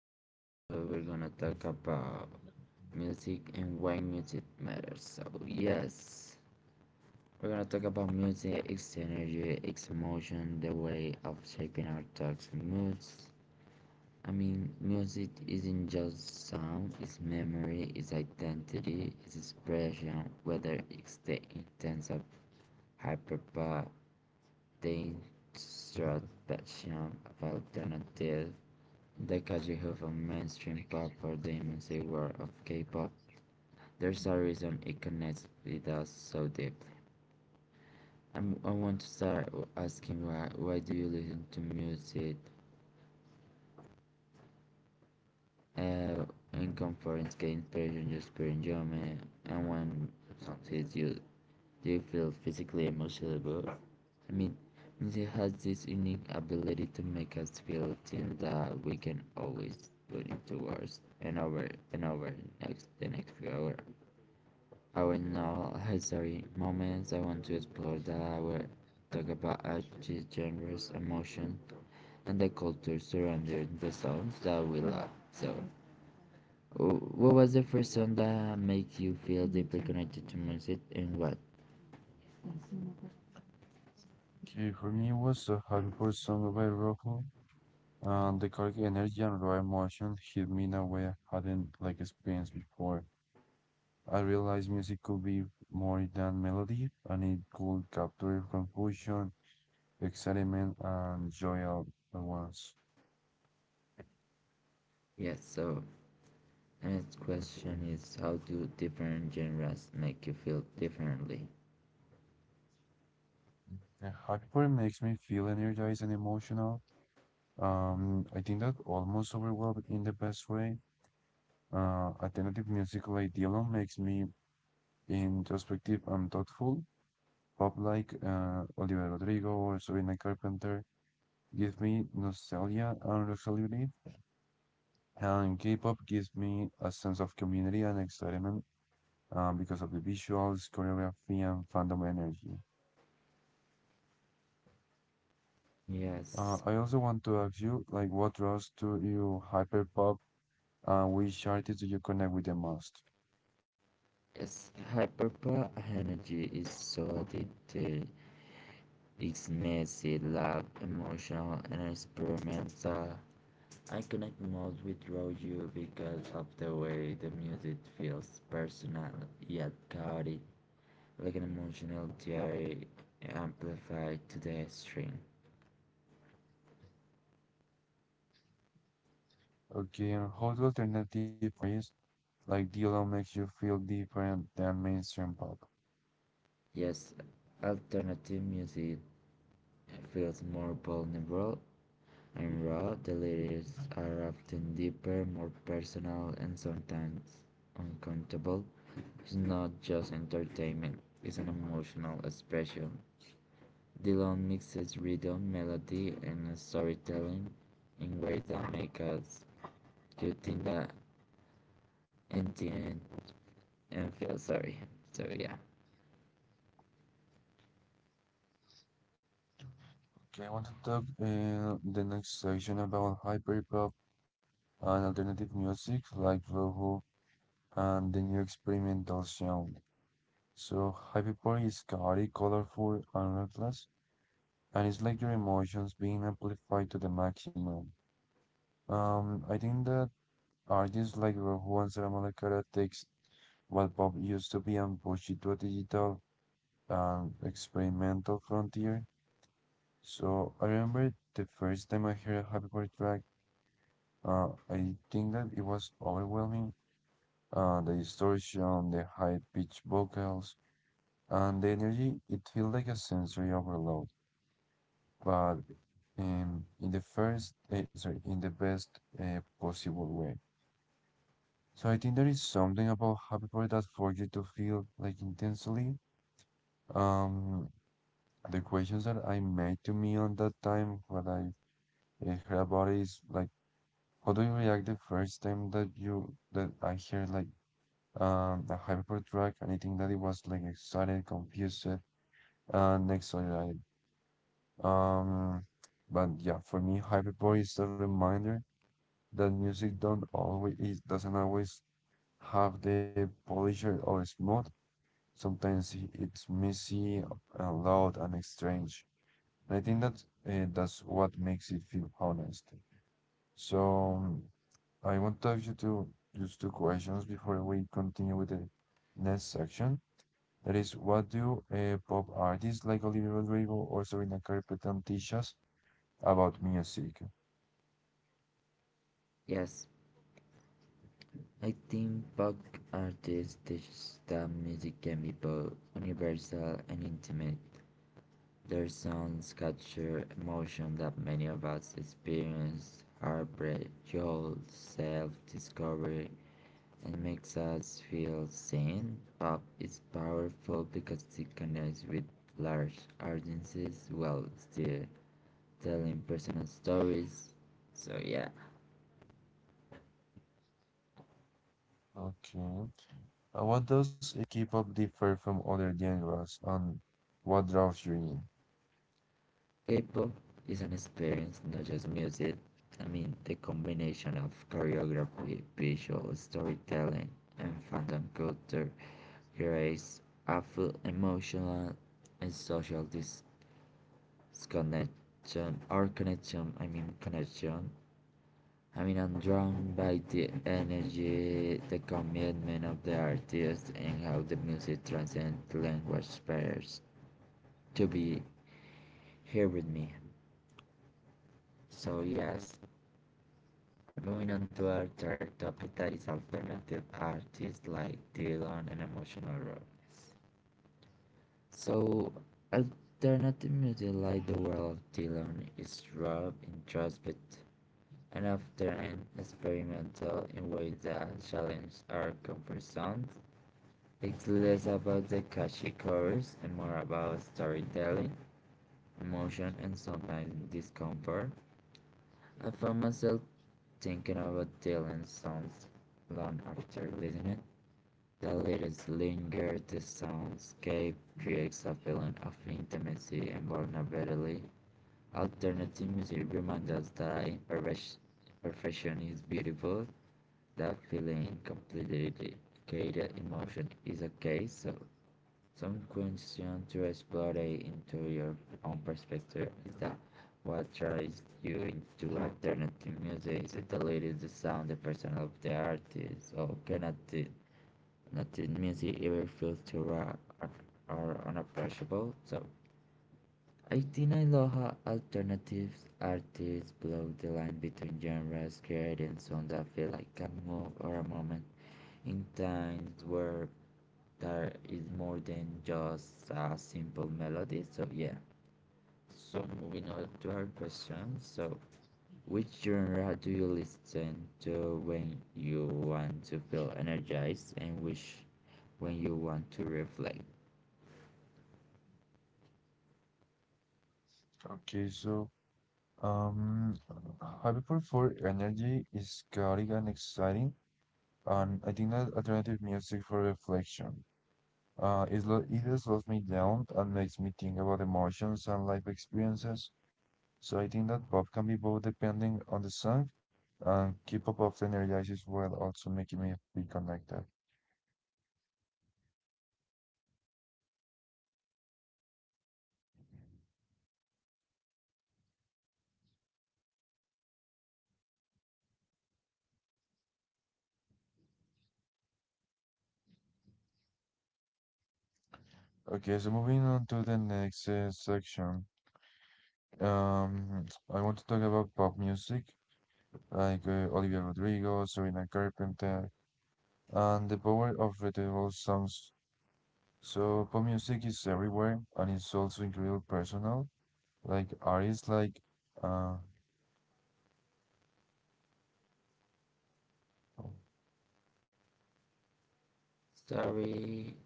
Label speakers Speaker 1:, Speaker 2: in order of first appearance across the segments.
Speaker 1: This episode we're gonna talk about music and why music matters. So yes, we're gonna talk about music, its energy, its emotion, the way of shaping our thoughts and moods. I mean, music isn't just sound, it's memory, it's identity, it's expression, whether it's the intense of hyperpop, the instruct passion of alternative Dekaji Hoof, a mainstream pop for the immense world of K-pop. There's a reason it connects with us so deeply. I want to start asking why. Why do you listen to music? Uh, in conference, get inspiration just for enjoyment, and when something hits you, do you feel physically, emotionally both? I mean, music has this unique ability to make us feel things that we can always put into words and over next the next few hours. Oh, in all history moments, I want to explore that I will talk about artists, genres, emotion, and the culture surrounding the songs that we love. So, what was the first song that make you feel deeply connected to music, and what?
Speaker 2: Okay, for me, it was a hardcore song by Rojo, and the correct energy and raw emotion hit me in a way I hadn't like experienced before. I realized music could be more than melody, and it could capture confusion, excitement, and joy all at once.
Speaker 1: Yes. So, the next question is, how do different genres make you feel differently?
Speaker 2: And hardcore makes me feel energized and emotional. I think that almost overwhelmed in the best way. Alternative musical ideal makes me introspective and thoughtful. Pop like Oliver Rodrigo or Sabrina Carpenter give me nostalgia and locality, and K-pop gives me a sense of community and excitement because of the visuals, choreography, and fandom energy.
Speaker 1: Yes.
Speaker 2: I also want to ask you, like, what draws to you hyperpop, and which artists do you connect with the most?
Speaker 1: Yes. Hyperpop energy is so addictive. It's messy, loud, emotional, and experimental. I connect most with Roju because of the way the music feels personal yet chaotic, like an emotional diary amplified to the extreme.
Speaker 2: Okay, and how do alternative artists like DLO makes you feel different than mainstream pop?
Speaker 1: Yes, alternative music feels more vulnerable in raw, the lyrics are often deeper, more personal, and sometimes uncountable. It's not just entertainment, it's an emotional expression. Dylan mixes rhythm, melody, and storytelling in ways that make us you think that and think and feel sorry. So yeah.
Speaker 2: Okay, I want to talk the next section about hyperpop and alternative music like Voho and the new experimental sound. So Hyperpop is chaotic, colorful, and reckless, and it's like your emotions being amplified to the maximum. I think that artists like Voho and Sara Malacara takes what pop used to be and push it to a digital and experimental frontier. So I remember the first time I heard a Hyperpop track, I think that it was overwhelming the distortion, the high-pitched vocals, and the energy, it feels like a sensory overload, but in the first, eh, sorry, in the best possible way. So I think there is something about Happy Party that forces you to feel like intensely. Um, the questions that I made to me on that time, what I heard about it is like, how do you react the first time that you that I hear like a Hyperport track and I think that it was like excited, confused, next one, right? Um, but yeah, for me, Hyperpop is a reminder that music don't always it doesn't always have the polisher or smooth. Sometimes it's messy, loud, and strange. And I think that that's what makes it feel honest. So I want to ask you to just two questions before we continue with the next section. That is, what do pop artists like Olivia Rodrigo or Sabrina Carpenter teach us about me as seeker.
Speaker 1: Yes. I think pop artists teach that music can be both universal and intimate. Their songs capture emotion that many of us experience heartbreak, jolt, self discovery, and makes us feel seen. Pop is powerful because it connects with large audiences while still telling personal stories. So, yeah. K-pop is an experience, not just music. I mean, the combination of choreography, visual storytelling, and fandom culture creates a full emotional and social disconnection or connection. I mean, connection. I mean, I'm drawn by the energy, the commitment of the artist, and how the music transcends language barriers. To be here with me. So yes, moving on to our third topic that is alternative artists like Dylan and emotional rawness. So alternative music like the world of Dylan is raw, introspective, and often experimental in ways that challenge our comfort zones. It's less about the catchy chorus and more about storytelling, emotion, and sometimes discomfort. I found myself thinking about Dylan's songs long after leaving the lyrics linger, the soundscape creates a feeling of intimacy and vulnerability. Alternative music reminds us that imperfection is beautiful, that feeling completely dedicated emotion is a case of some questions to explore the interior own perspective is that what drives you into alternative music? Is it the lyrics, the sound, the person of the artist, or can nothing music ever feel too raw or, or unapproachable? So Aitinailoha alternatives artists blur the line between genres, creating songs that feel like a move or a moment in times where there is more than just a simple melody. So yeah. So moving on to our question. So which genre do you listen to when you want to feel energized and which when you want to reflect? Sorry,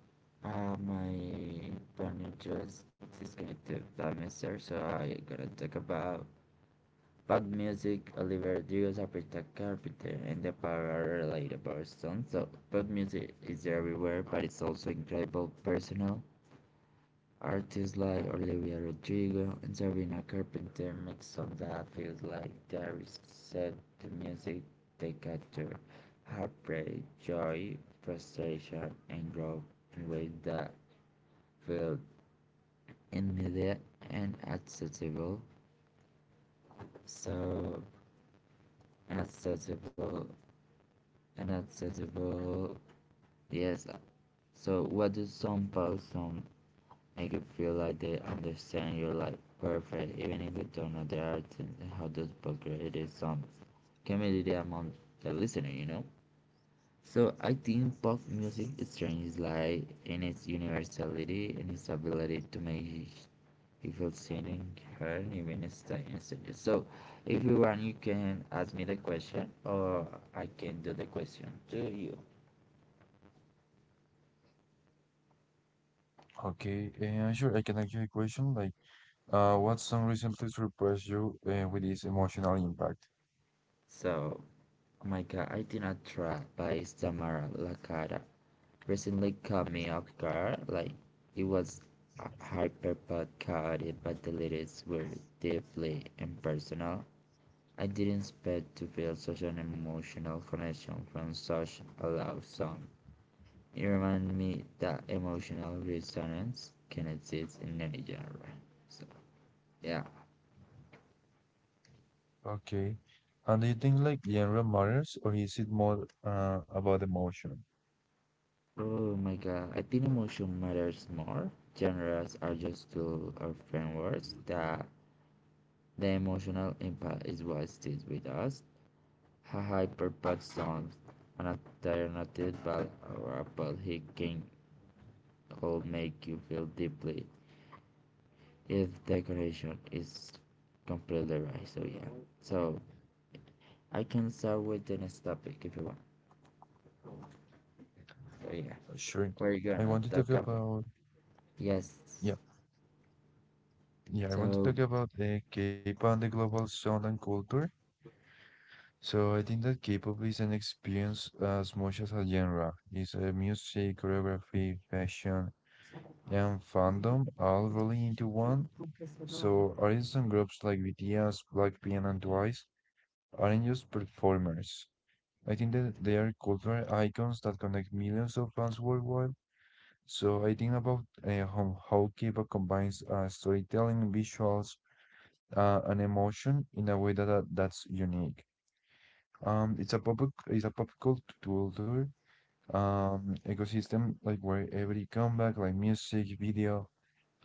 Speaker 1: my partner just disconnected by Mr. So I gonna talk about pop music, Oliver Rodrigo's Aprita Carpenter, and the power relatable song. So pop music is everywhere, but it's also incredible personal. Artists like Olivia Rodrigo and Sabrina Carpenter make songs that feels like they're set to music. They capture heartbreak, joy, frustration, and growth in ways that feel immediate and accessible. So, accessible and accessible. Yes. So, what do some post on make you feel like they understand you like perfect even if you don't know the art and how to create some community among the listener. So I think pop music is strange like in its universality and its ability to make people feel seen and heard even instantly. So if you want you can ask me the question or I can do the question to you.
Speaker 2: Okay, sure, I can ask you a question like, what song recently surprised you with its emotional impact?
Speaker 1: So oh my god, I did not try by Samara Lakata recently caught me off guard. Like it was hyper but chaotic, but the lyrics were deeply impersonal. I didn't expect to feel such an emotional connection from such a love song. It reminded me that emotional resonance can exist in any genre. So yeah.
Speaker 2: Okay, and do you think like genre matters or is it more about emotion?
Speaker 1: Oh my god, I think emotion matters more. Genres are just tools or frameworks that the emotional impact is what stays with us. Hyperpad songs an alternative ballad or a hacking will make you feel deeply if the connection is completely right. So yeah. So I can start with the next topic if you want. So yeah.
Speaker 2: Sure,
Speaker 1: We're
Speaker 2: I
Speaker 1: gonna
Speaker 2: want to
Speaker 1: talk
Speaker 2: talk
Speaker 1: about
Speaker 2: about,
Speaker 1: yes.
Speaker 2: yeah, yeah, I want
Speaker 1: So
Speaker 2: to talk about K-pop and the global sound and culture. So I think that K-pop is an experience as much as a genre. It's music, choreography, fashion, and fandom all rolling into one. So artists and groups like BTS, Blackpink, and Twice aren't just performers. I think that they are cultural icons that connect millions of fans worldwide. So I think about how K-pop combines storytelling, visuals, and emotion in a way that's unique. Um, it's a pop it's a culture ecosystem like where every comeback, like music, video,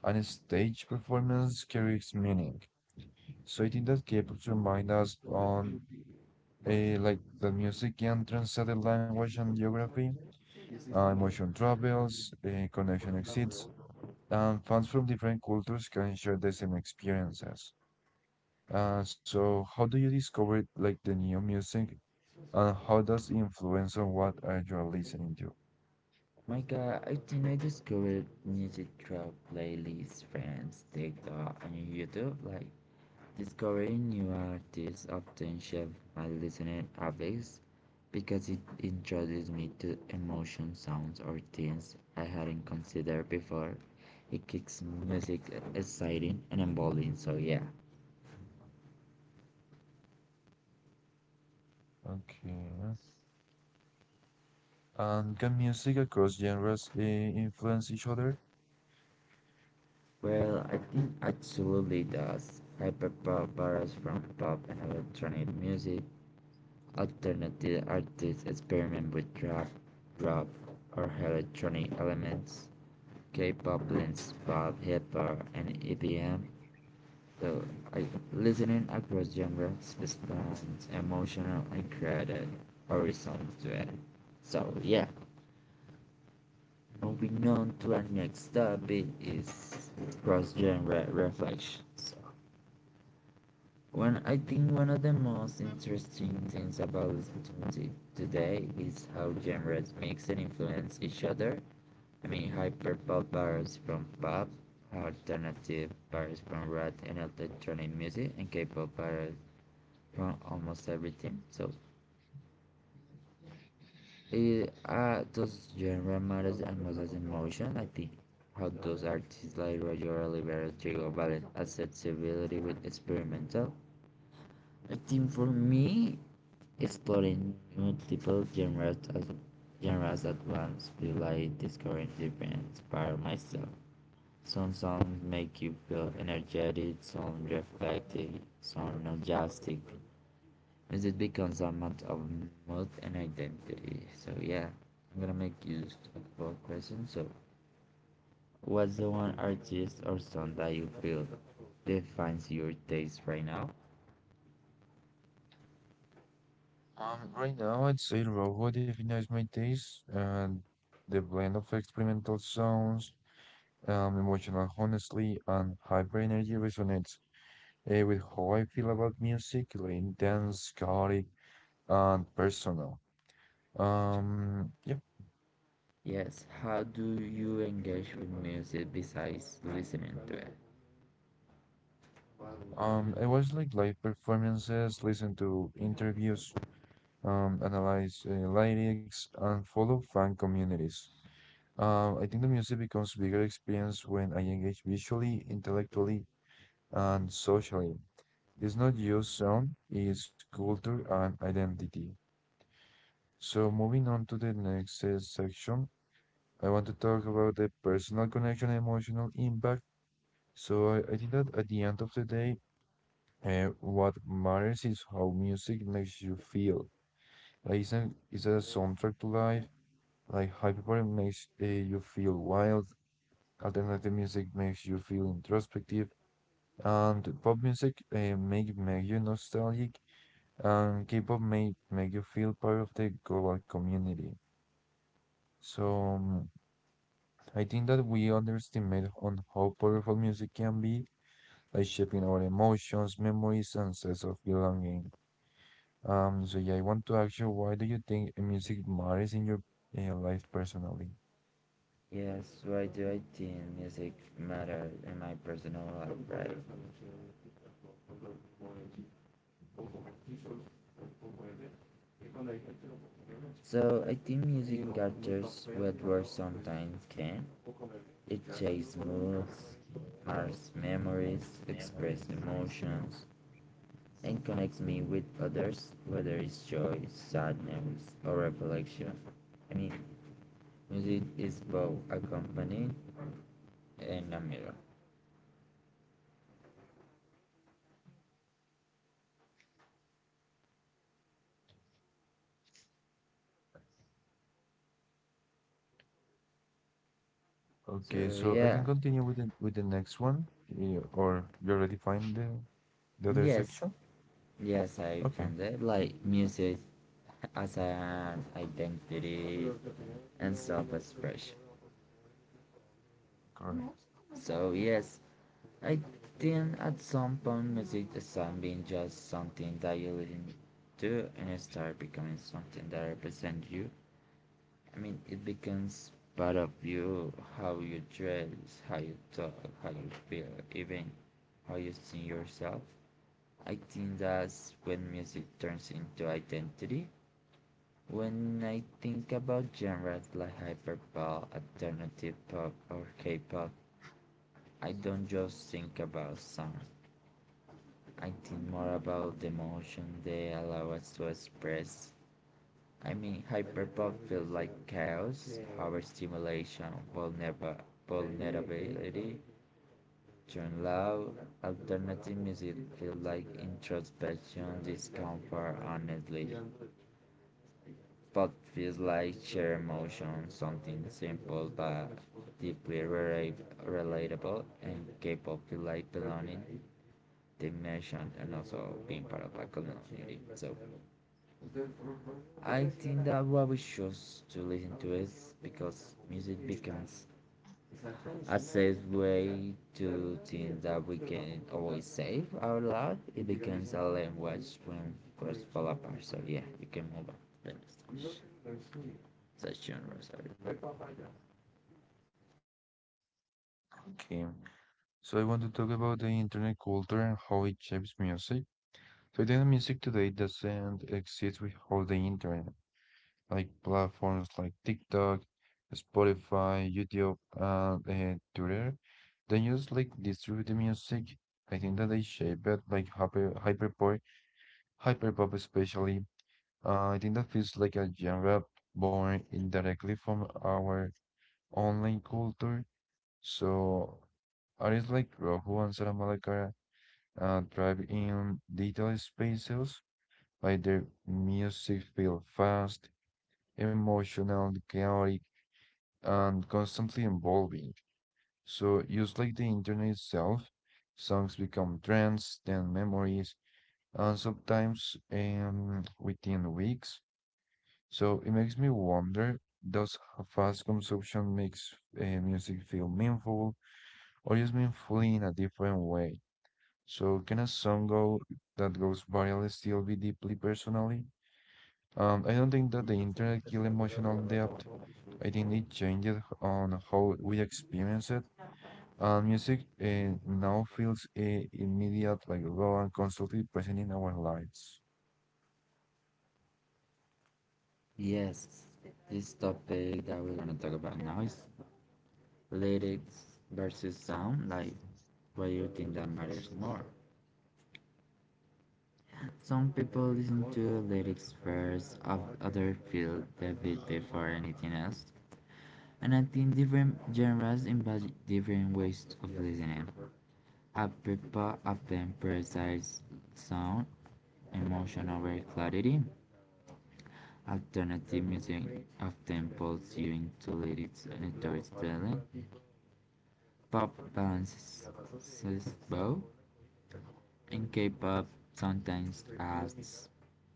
Speaker 2: and stage performance carries meaning. So I think that K-pop remind us on a like the music can transcend language and geography, emotion travels, a connection exists, and fans from different cultures can share the same experiences. So how do you discover like the new music, and how does it influence on what are you listening to?
Speaker 1: my god, I think I discovered music through playlists, friends, TikTok and YouTube. Like discovering new artists often shaped my listening habits because it introduced me to emotion sounds or themes I hadn't considered before. It keeps music exciting and involving, so yeah.
Speaker 2: Okay. And can music across genres influence each other?
Speaker 1: Well, I think absolutely does. Hyperpop borrows from pop and electronic music. Alternative artists experiment with rap, rock, or electronic elements. K-pop blends pop, hip hop, and EDM. So, I, Listening across genres responds emotional and creative horizons to it. So, yeah. Moving on to our next topic is cross-genre reflection. So, when I think one of the most interesting things about listening to music today is how genres mix and influence each other. I mean, hyperpop bars from pop, alternative bars from rap and electronic music, and K-pop bars from almost everything. So, those genre matters as much as emotion. I think how those artists like Roger Oliveira Trigo balance accessibility with experimental. I think for me, exploring multiple genres as genres at once feel like discovering different parts of myself. Some songs make you feel energetic, some reflective, some nostalgic. Music becomes a matter of mood and identity. So yeah, I'm gonna make use of both questions. So, what's the one artist or song that you feel defines your taste right now?
Speaker 2: Right now, I'd say Robo defines my taste and the blend of experimental sounds, emotional honesty, and hyper energy resonates with how I feel about music, like intense, chaotic, and personal. Um, yeah,
Speaker 1: Yes, how do you engage with music besides listening to it?
Speaker 2: I watch like live performances, listen to interviews, analyze lyrics, and follow fan communities. I think the music becomes bigger experience when I engage visually, intellectually, and socially. It's not just sound, it's culture and identity. So moving on to the next section, I want to talk about the personal connection and emotional impact. So I think that at the end of the day, what matters is how music makes you feel. Like it's a soundtrack to life, like hyperpop makes you feel wild, alternative music makes you feel introspective, and pop music make you nostalgic, K-pop may make you feel part of the global community. So I think that we underestimate on how powerful music can be, like shaping our emotions, memories, and sense of belonging. So yeah, I want to ask you, why do you think music matters in your in life personally?
Speaker 1: Yes, why do I think music matters in my personal life, right? So a team music captures what words sometimes can. It shapes moods, marks memories, expresses emotions, and connects me with others, whether it's joy, sadness, or recollection. I mean, music is both a company and a mirror. So
Speaker 2: Okay, so I can
Speaker 1: yeah,
Speaker 2: continue with the next one, or you already find the other
Speaker 1: yes,
Speaker 2: section?
Speaker 1: yes, I
Speaker 2: Okay,
Speaker 1: found it like music as an identity and self-expression.
Speaker 2: correct.
Speaker 1: So yes, I think at some point music stopped being just something that you listen to and start becoming something that represents you. I mean, it becomes part of you, how you dress, how you talk, how you feel, even how you see yourself. I think that's when music turns into identity. When I think about genres like hyperpop, alternative pop, or K-pop, I don't just think about songs. I think more about the emotion they allow us to express. I mean, hyperpop feels like chaos, overstimulation, vulnerab- vulnerability, turn loud. Alternative music feels like introspection, discomfort, honestly. Pop feels like shared emotion, something simple but deeply relatable, and K-pop feels like belonging, dimension, and also being part of a community. So. I think that what we choose to listen to is because music becomes a safe way to think that we can always save our loud. It becomes a language when first fall apart. So yeah, you can move on to the next such genre.
Speaker 2: Okay. So I want to talk about the internet culture and how it shapes music. Today, music today doesn't exist without the internet, like platforms like TikTok, Spotify, YouTube, and Twitter. They use like distribute the music. I think that they shape it like hyperpop, hyperpop especially. I think that feels like a genre born indirectly from our online culture. So artists like Rohu and Sara Malakara thrive in digital spaces by their music feel fast, emotional, chaotic, and constantly evolving. So, just like the internet itself, songs become trends, then memories, and sometimes within weeks. So it makes me wonder, does fast consumption makes music feel meaningful or just meaningful in a different way? So can a song go that goes viral still be deeply personally? I don't think that the internet killed emotional depth. I think it changed on how we experience it. And music now feels immediate, like raw and constantly present in our lives.
Speaker 1: Yes, this topic that we're gonna talk about now is lyrics versus sound. Like, what do you think that matters more? Some people listen to lyrics first, of other feel the beat before anything else. And I think different genres embody different ways of listening. A people often prioritize sound, emotion over clarity. Alternative music often pulls you into lyrics and storytelling. Pop balances both, in K-pop, sometimes adds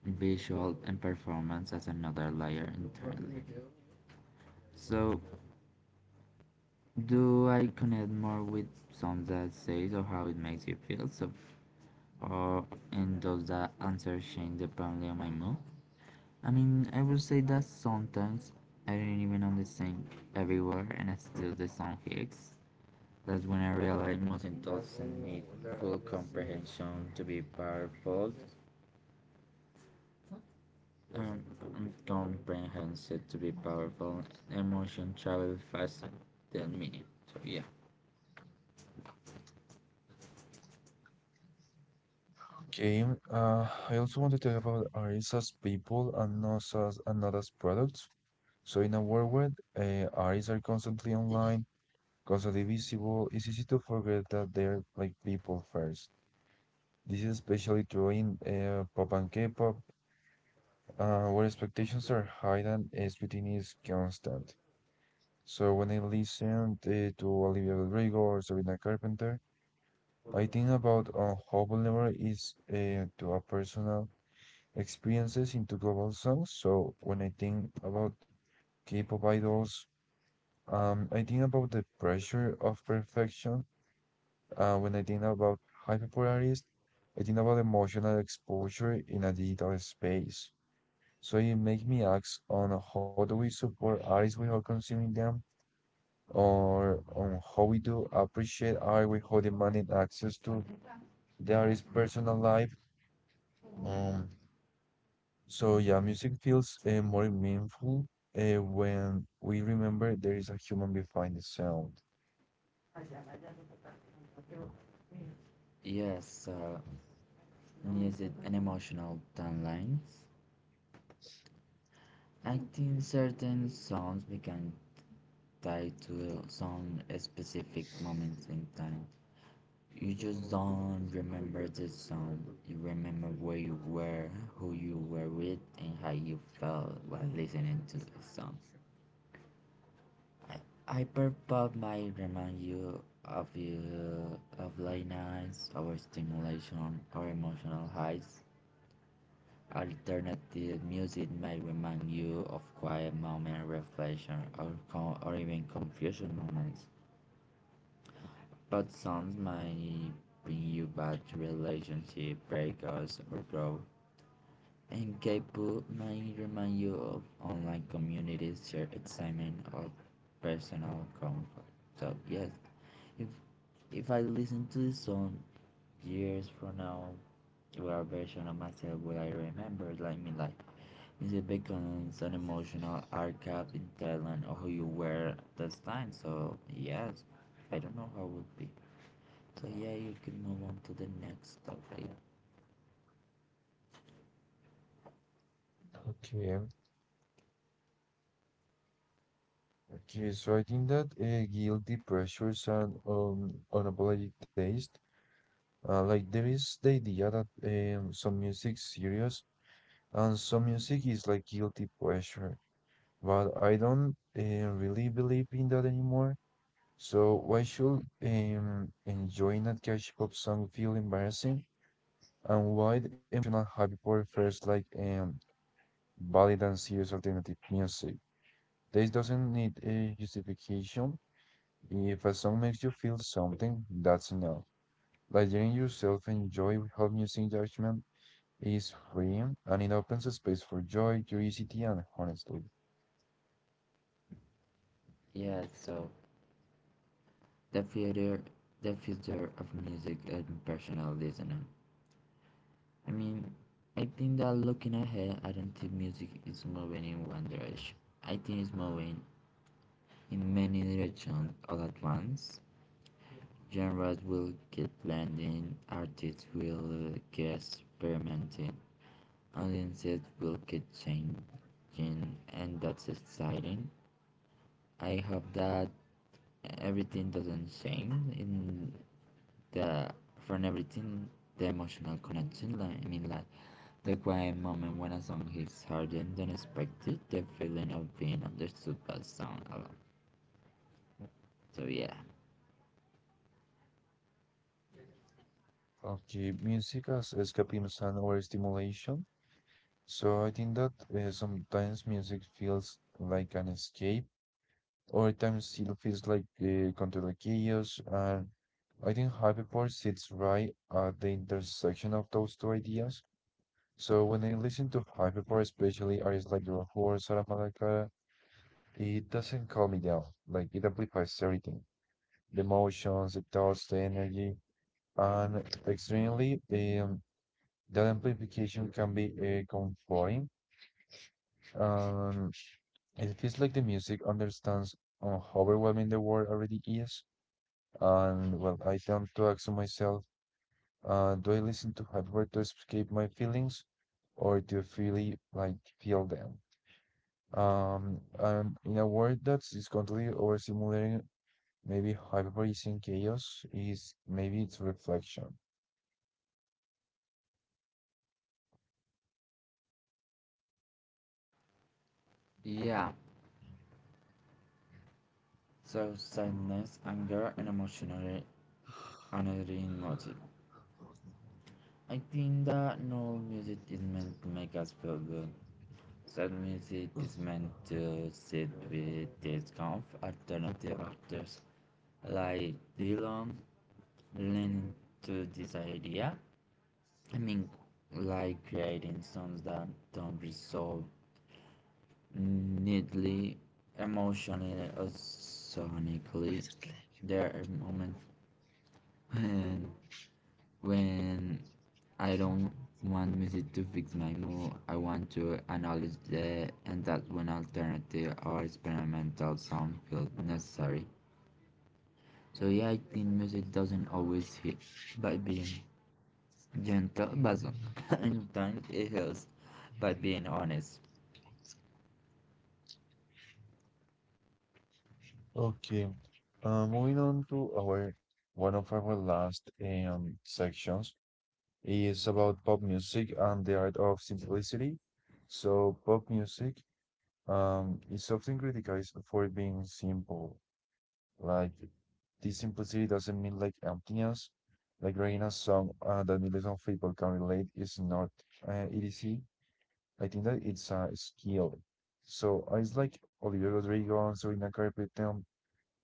Speaker 1: visual and performance as another layer entirely. So, do I connect more with songs that says or how it makes you feel? So, or and does the answer change depending on my mood? I mean, I would say that sometimes I don't even understand everywhere, and I still the song hits. That's when I realize music doesn't need full comprehension to be powerful. Um, I'm comprehensive to be powerful. Emotion travel faster than meaning. So yeah.
Speaker 2: Okay, I also want to talk about artists as people and not as products. So in a world where artists are constantly online, constantly visible, it's easy to forget that they're like people first. This is especially true in pop and K-pop. When expectations are high and everything is constant. So when I listen to Olivia Rodrigo or Sabrina Carpenter, I think about how vulnerable is to our personal experiences into global songs. So when I think about K-pop idols, I think about the pressure of perfection. When I think about high popularity, I think about emotional exposure in a digital space. So it make me ask on how do we support artists without consuming them, or on how we do appreciate art without demanding access to the artist's personal life. Um, so yeah, music feels more meaningful when we remember there is a human behind the sound.
Speaker 1: Yes, music and emotional timelines. I think certain songs become tied to some specific moments in time. You just don't remember the song. You remember where you were, who you were with, and how you felt while listening to the song. Hyperpop might remind you of late nights, overstimulation, or emotional highs. Alternative music might remind you of quiet moments, reflection, or or even confusion moments. But songs might bring you back to relationship, breakups, or growth. And K-pop might remind you of online communities, shared excitement, or personal comfort. So yes, if If I listen to this song years from now, what version of myself will I remember? Like me, like music becomes an emotional archive in Thailand or who you were at this time. So yes, I don't know how it would be. So yeah, you can move on to the next topic.
Speaker 2: Okay. Okay, so I think that guilty pressures and unapologetic taste, like there is the idea that some music serious and some music is like guilty pleasure, but I don't really believe in that anymore. So why should enjoying a catchy pop song feel embarrassing? And why the emotional happy prefers like valid and serious alternative music? This doesn't need a justification. If a song makes you feel something, that's enough. Like letting yourself enjoy without using judgment is freeing and it opens a space for joy, curiosity, and honestly.
Speaker 1: Yeah, so the future, the future of music and personal listening. I mean, I think that looking ahead, I don't think music is moving in one direction. I think it's moving in many regions, all at once, genres will get blending, artists will get experimenting, audiences will get changing, and that's exciting. I hope that everything doesn't change in the from everything the emotional connection. Like, I mean, like the quiet moment when a song hits harder than expected, the feeling of being understood by sound alone. So yeah,
Speaker 2: Okay, music as escapism and or stimulation. So I think that sometimes music feels like an escape, or at times it feels like counter the chaos. And I think Hyperport sits right at the intersection of those two ideas. So when I listen to Hyperport, especially artists like Rahul or Sara Malacara, it doesn't calm me down. Like it amplifies everything, the emotions, the thoughts, the energy, and extremely. Um, That amplification can be comforting. Um, it feels like the music understands how overwhelming the world already is. And well, I tend to ask myself, do I listen to hardware to escape my feelings, or to really like feel them? And in a world that is constantly overstimulating, maybe hyper is in chaos is maybe it's reflection.
Speaker 1: yeah. So sadness, anger, and emotional unerring motive. I think that no music is meant to make us feel good. Sad music is meant to sit with discomfort. Alternative actors like Dylan leaning to this idea. I mean, like creating songs that don't resolve neatly, emotionally, or sonically. There are moments when When I don't want music to fix my mood, I want to acknowledge that, and that's when alternative or experimental sound feels necessary. So yeah, I think music doesn't always heal by being gentle, but sometimes it heals by being honest.
Speaker 2: Okay. Moving on to our one of our last sections is about pop music and the art of simplicity. So pop music is often criticized for being simple. Like this simplicity doesn't mean like emptiness. Like writing a song that millions of people can relate is not easy. I think that it's a skill. So it's like Olivia Rodrigo and Sabrina Carpenter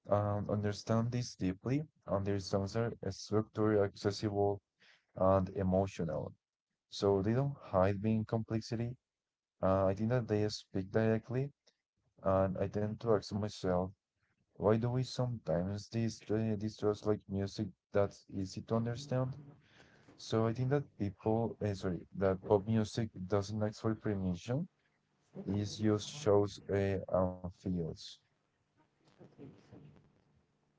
Speaker 2: understand this deeply, and their songs are structured, accessible, and emotional. So they don't hide being complexity. I think that they speak directly, and I tend to ask myself, why do we sometimes distrust like music that's easy to understand? So I think that pop music doesn't ask for permission. It just shows and feels.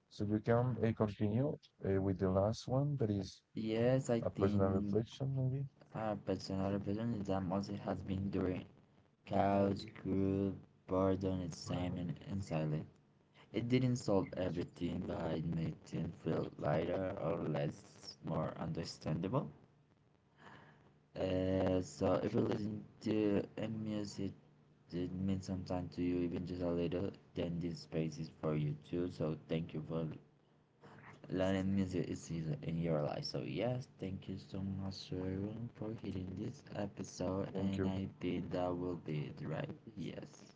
Speaker 2: So you can continue with the last one that is
Speaker 1: Yes, I
Speaker 2: that was a
Speaker 1: think
Speaker 2: reflection, maybe.
Speaker 1: a personal representation also has been during couch, group, boredom, excitement, and silence. It didn't solve everything, but it made things feel lighter or less more understandable. So if you listen to a music it means something to you, even just a little, then this space is for you too. So thank you for learning music is in your life. So yes, thank you so much to everyone for hearing this episode,
Speaker 2: Thank
Speaker 1: and
Speaker 2: you.
Speaker 1: I think that will be it, right? Yes.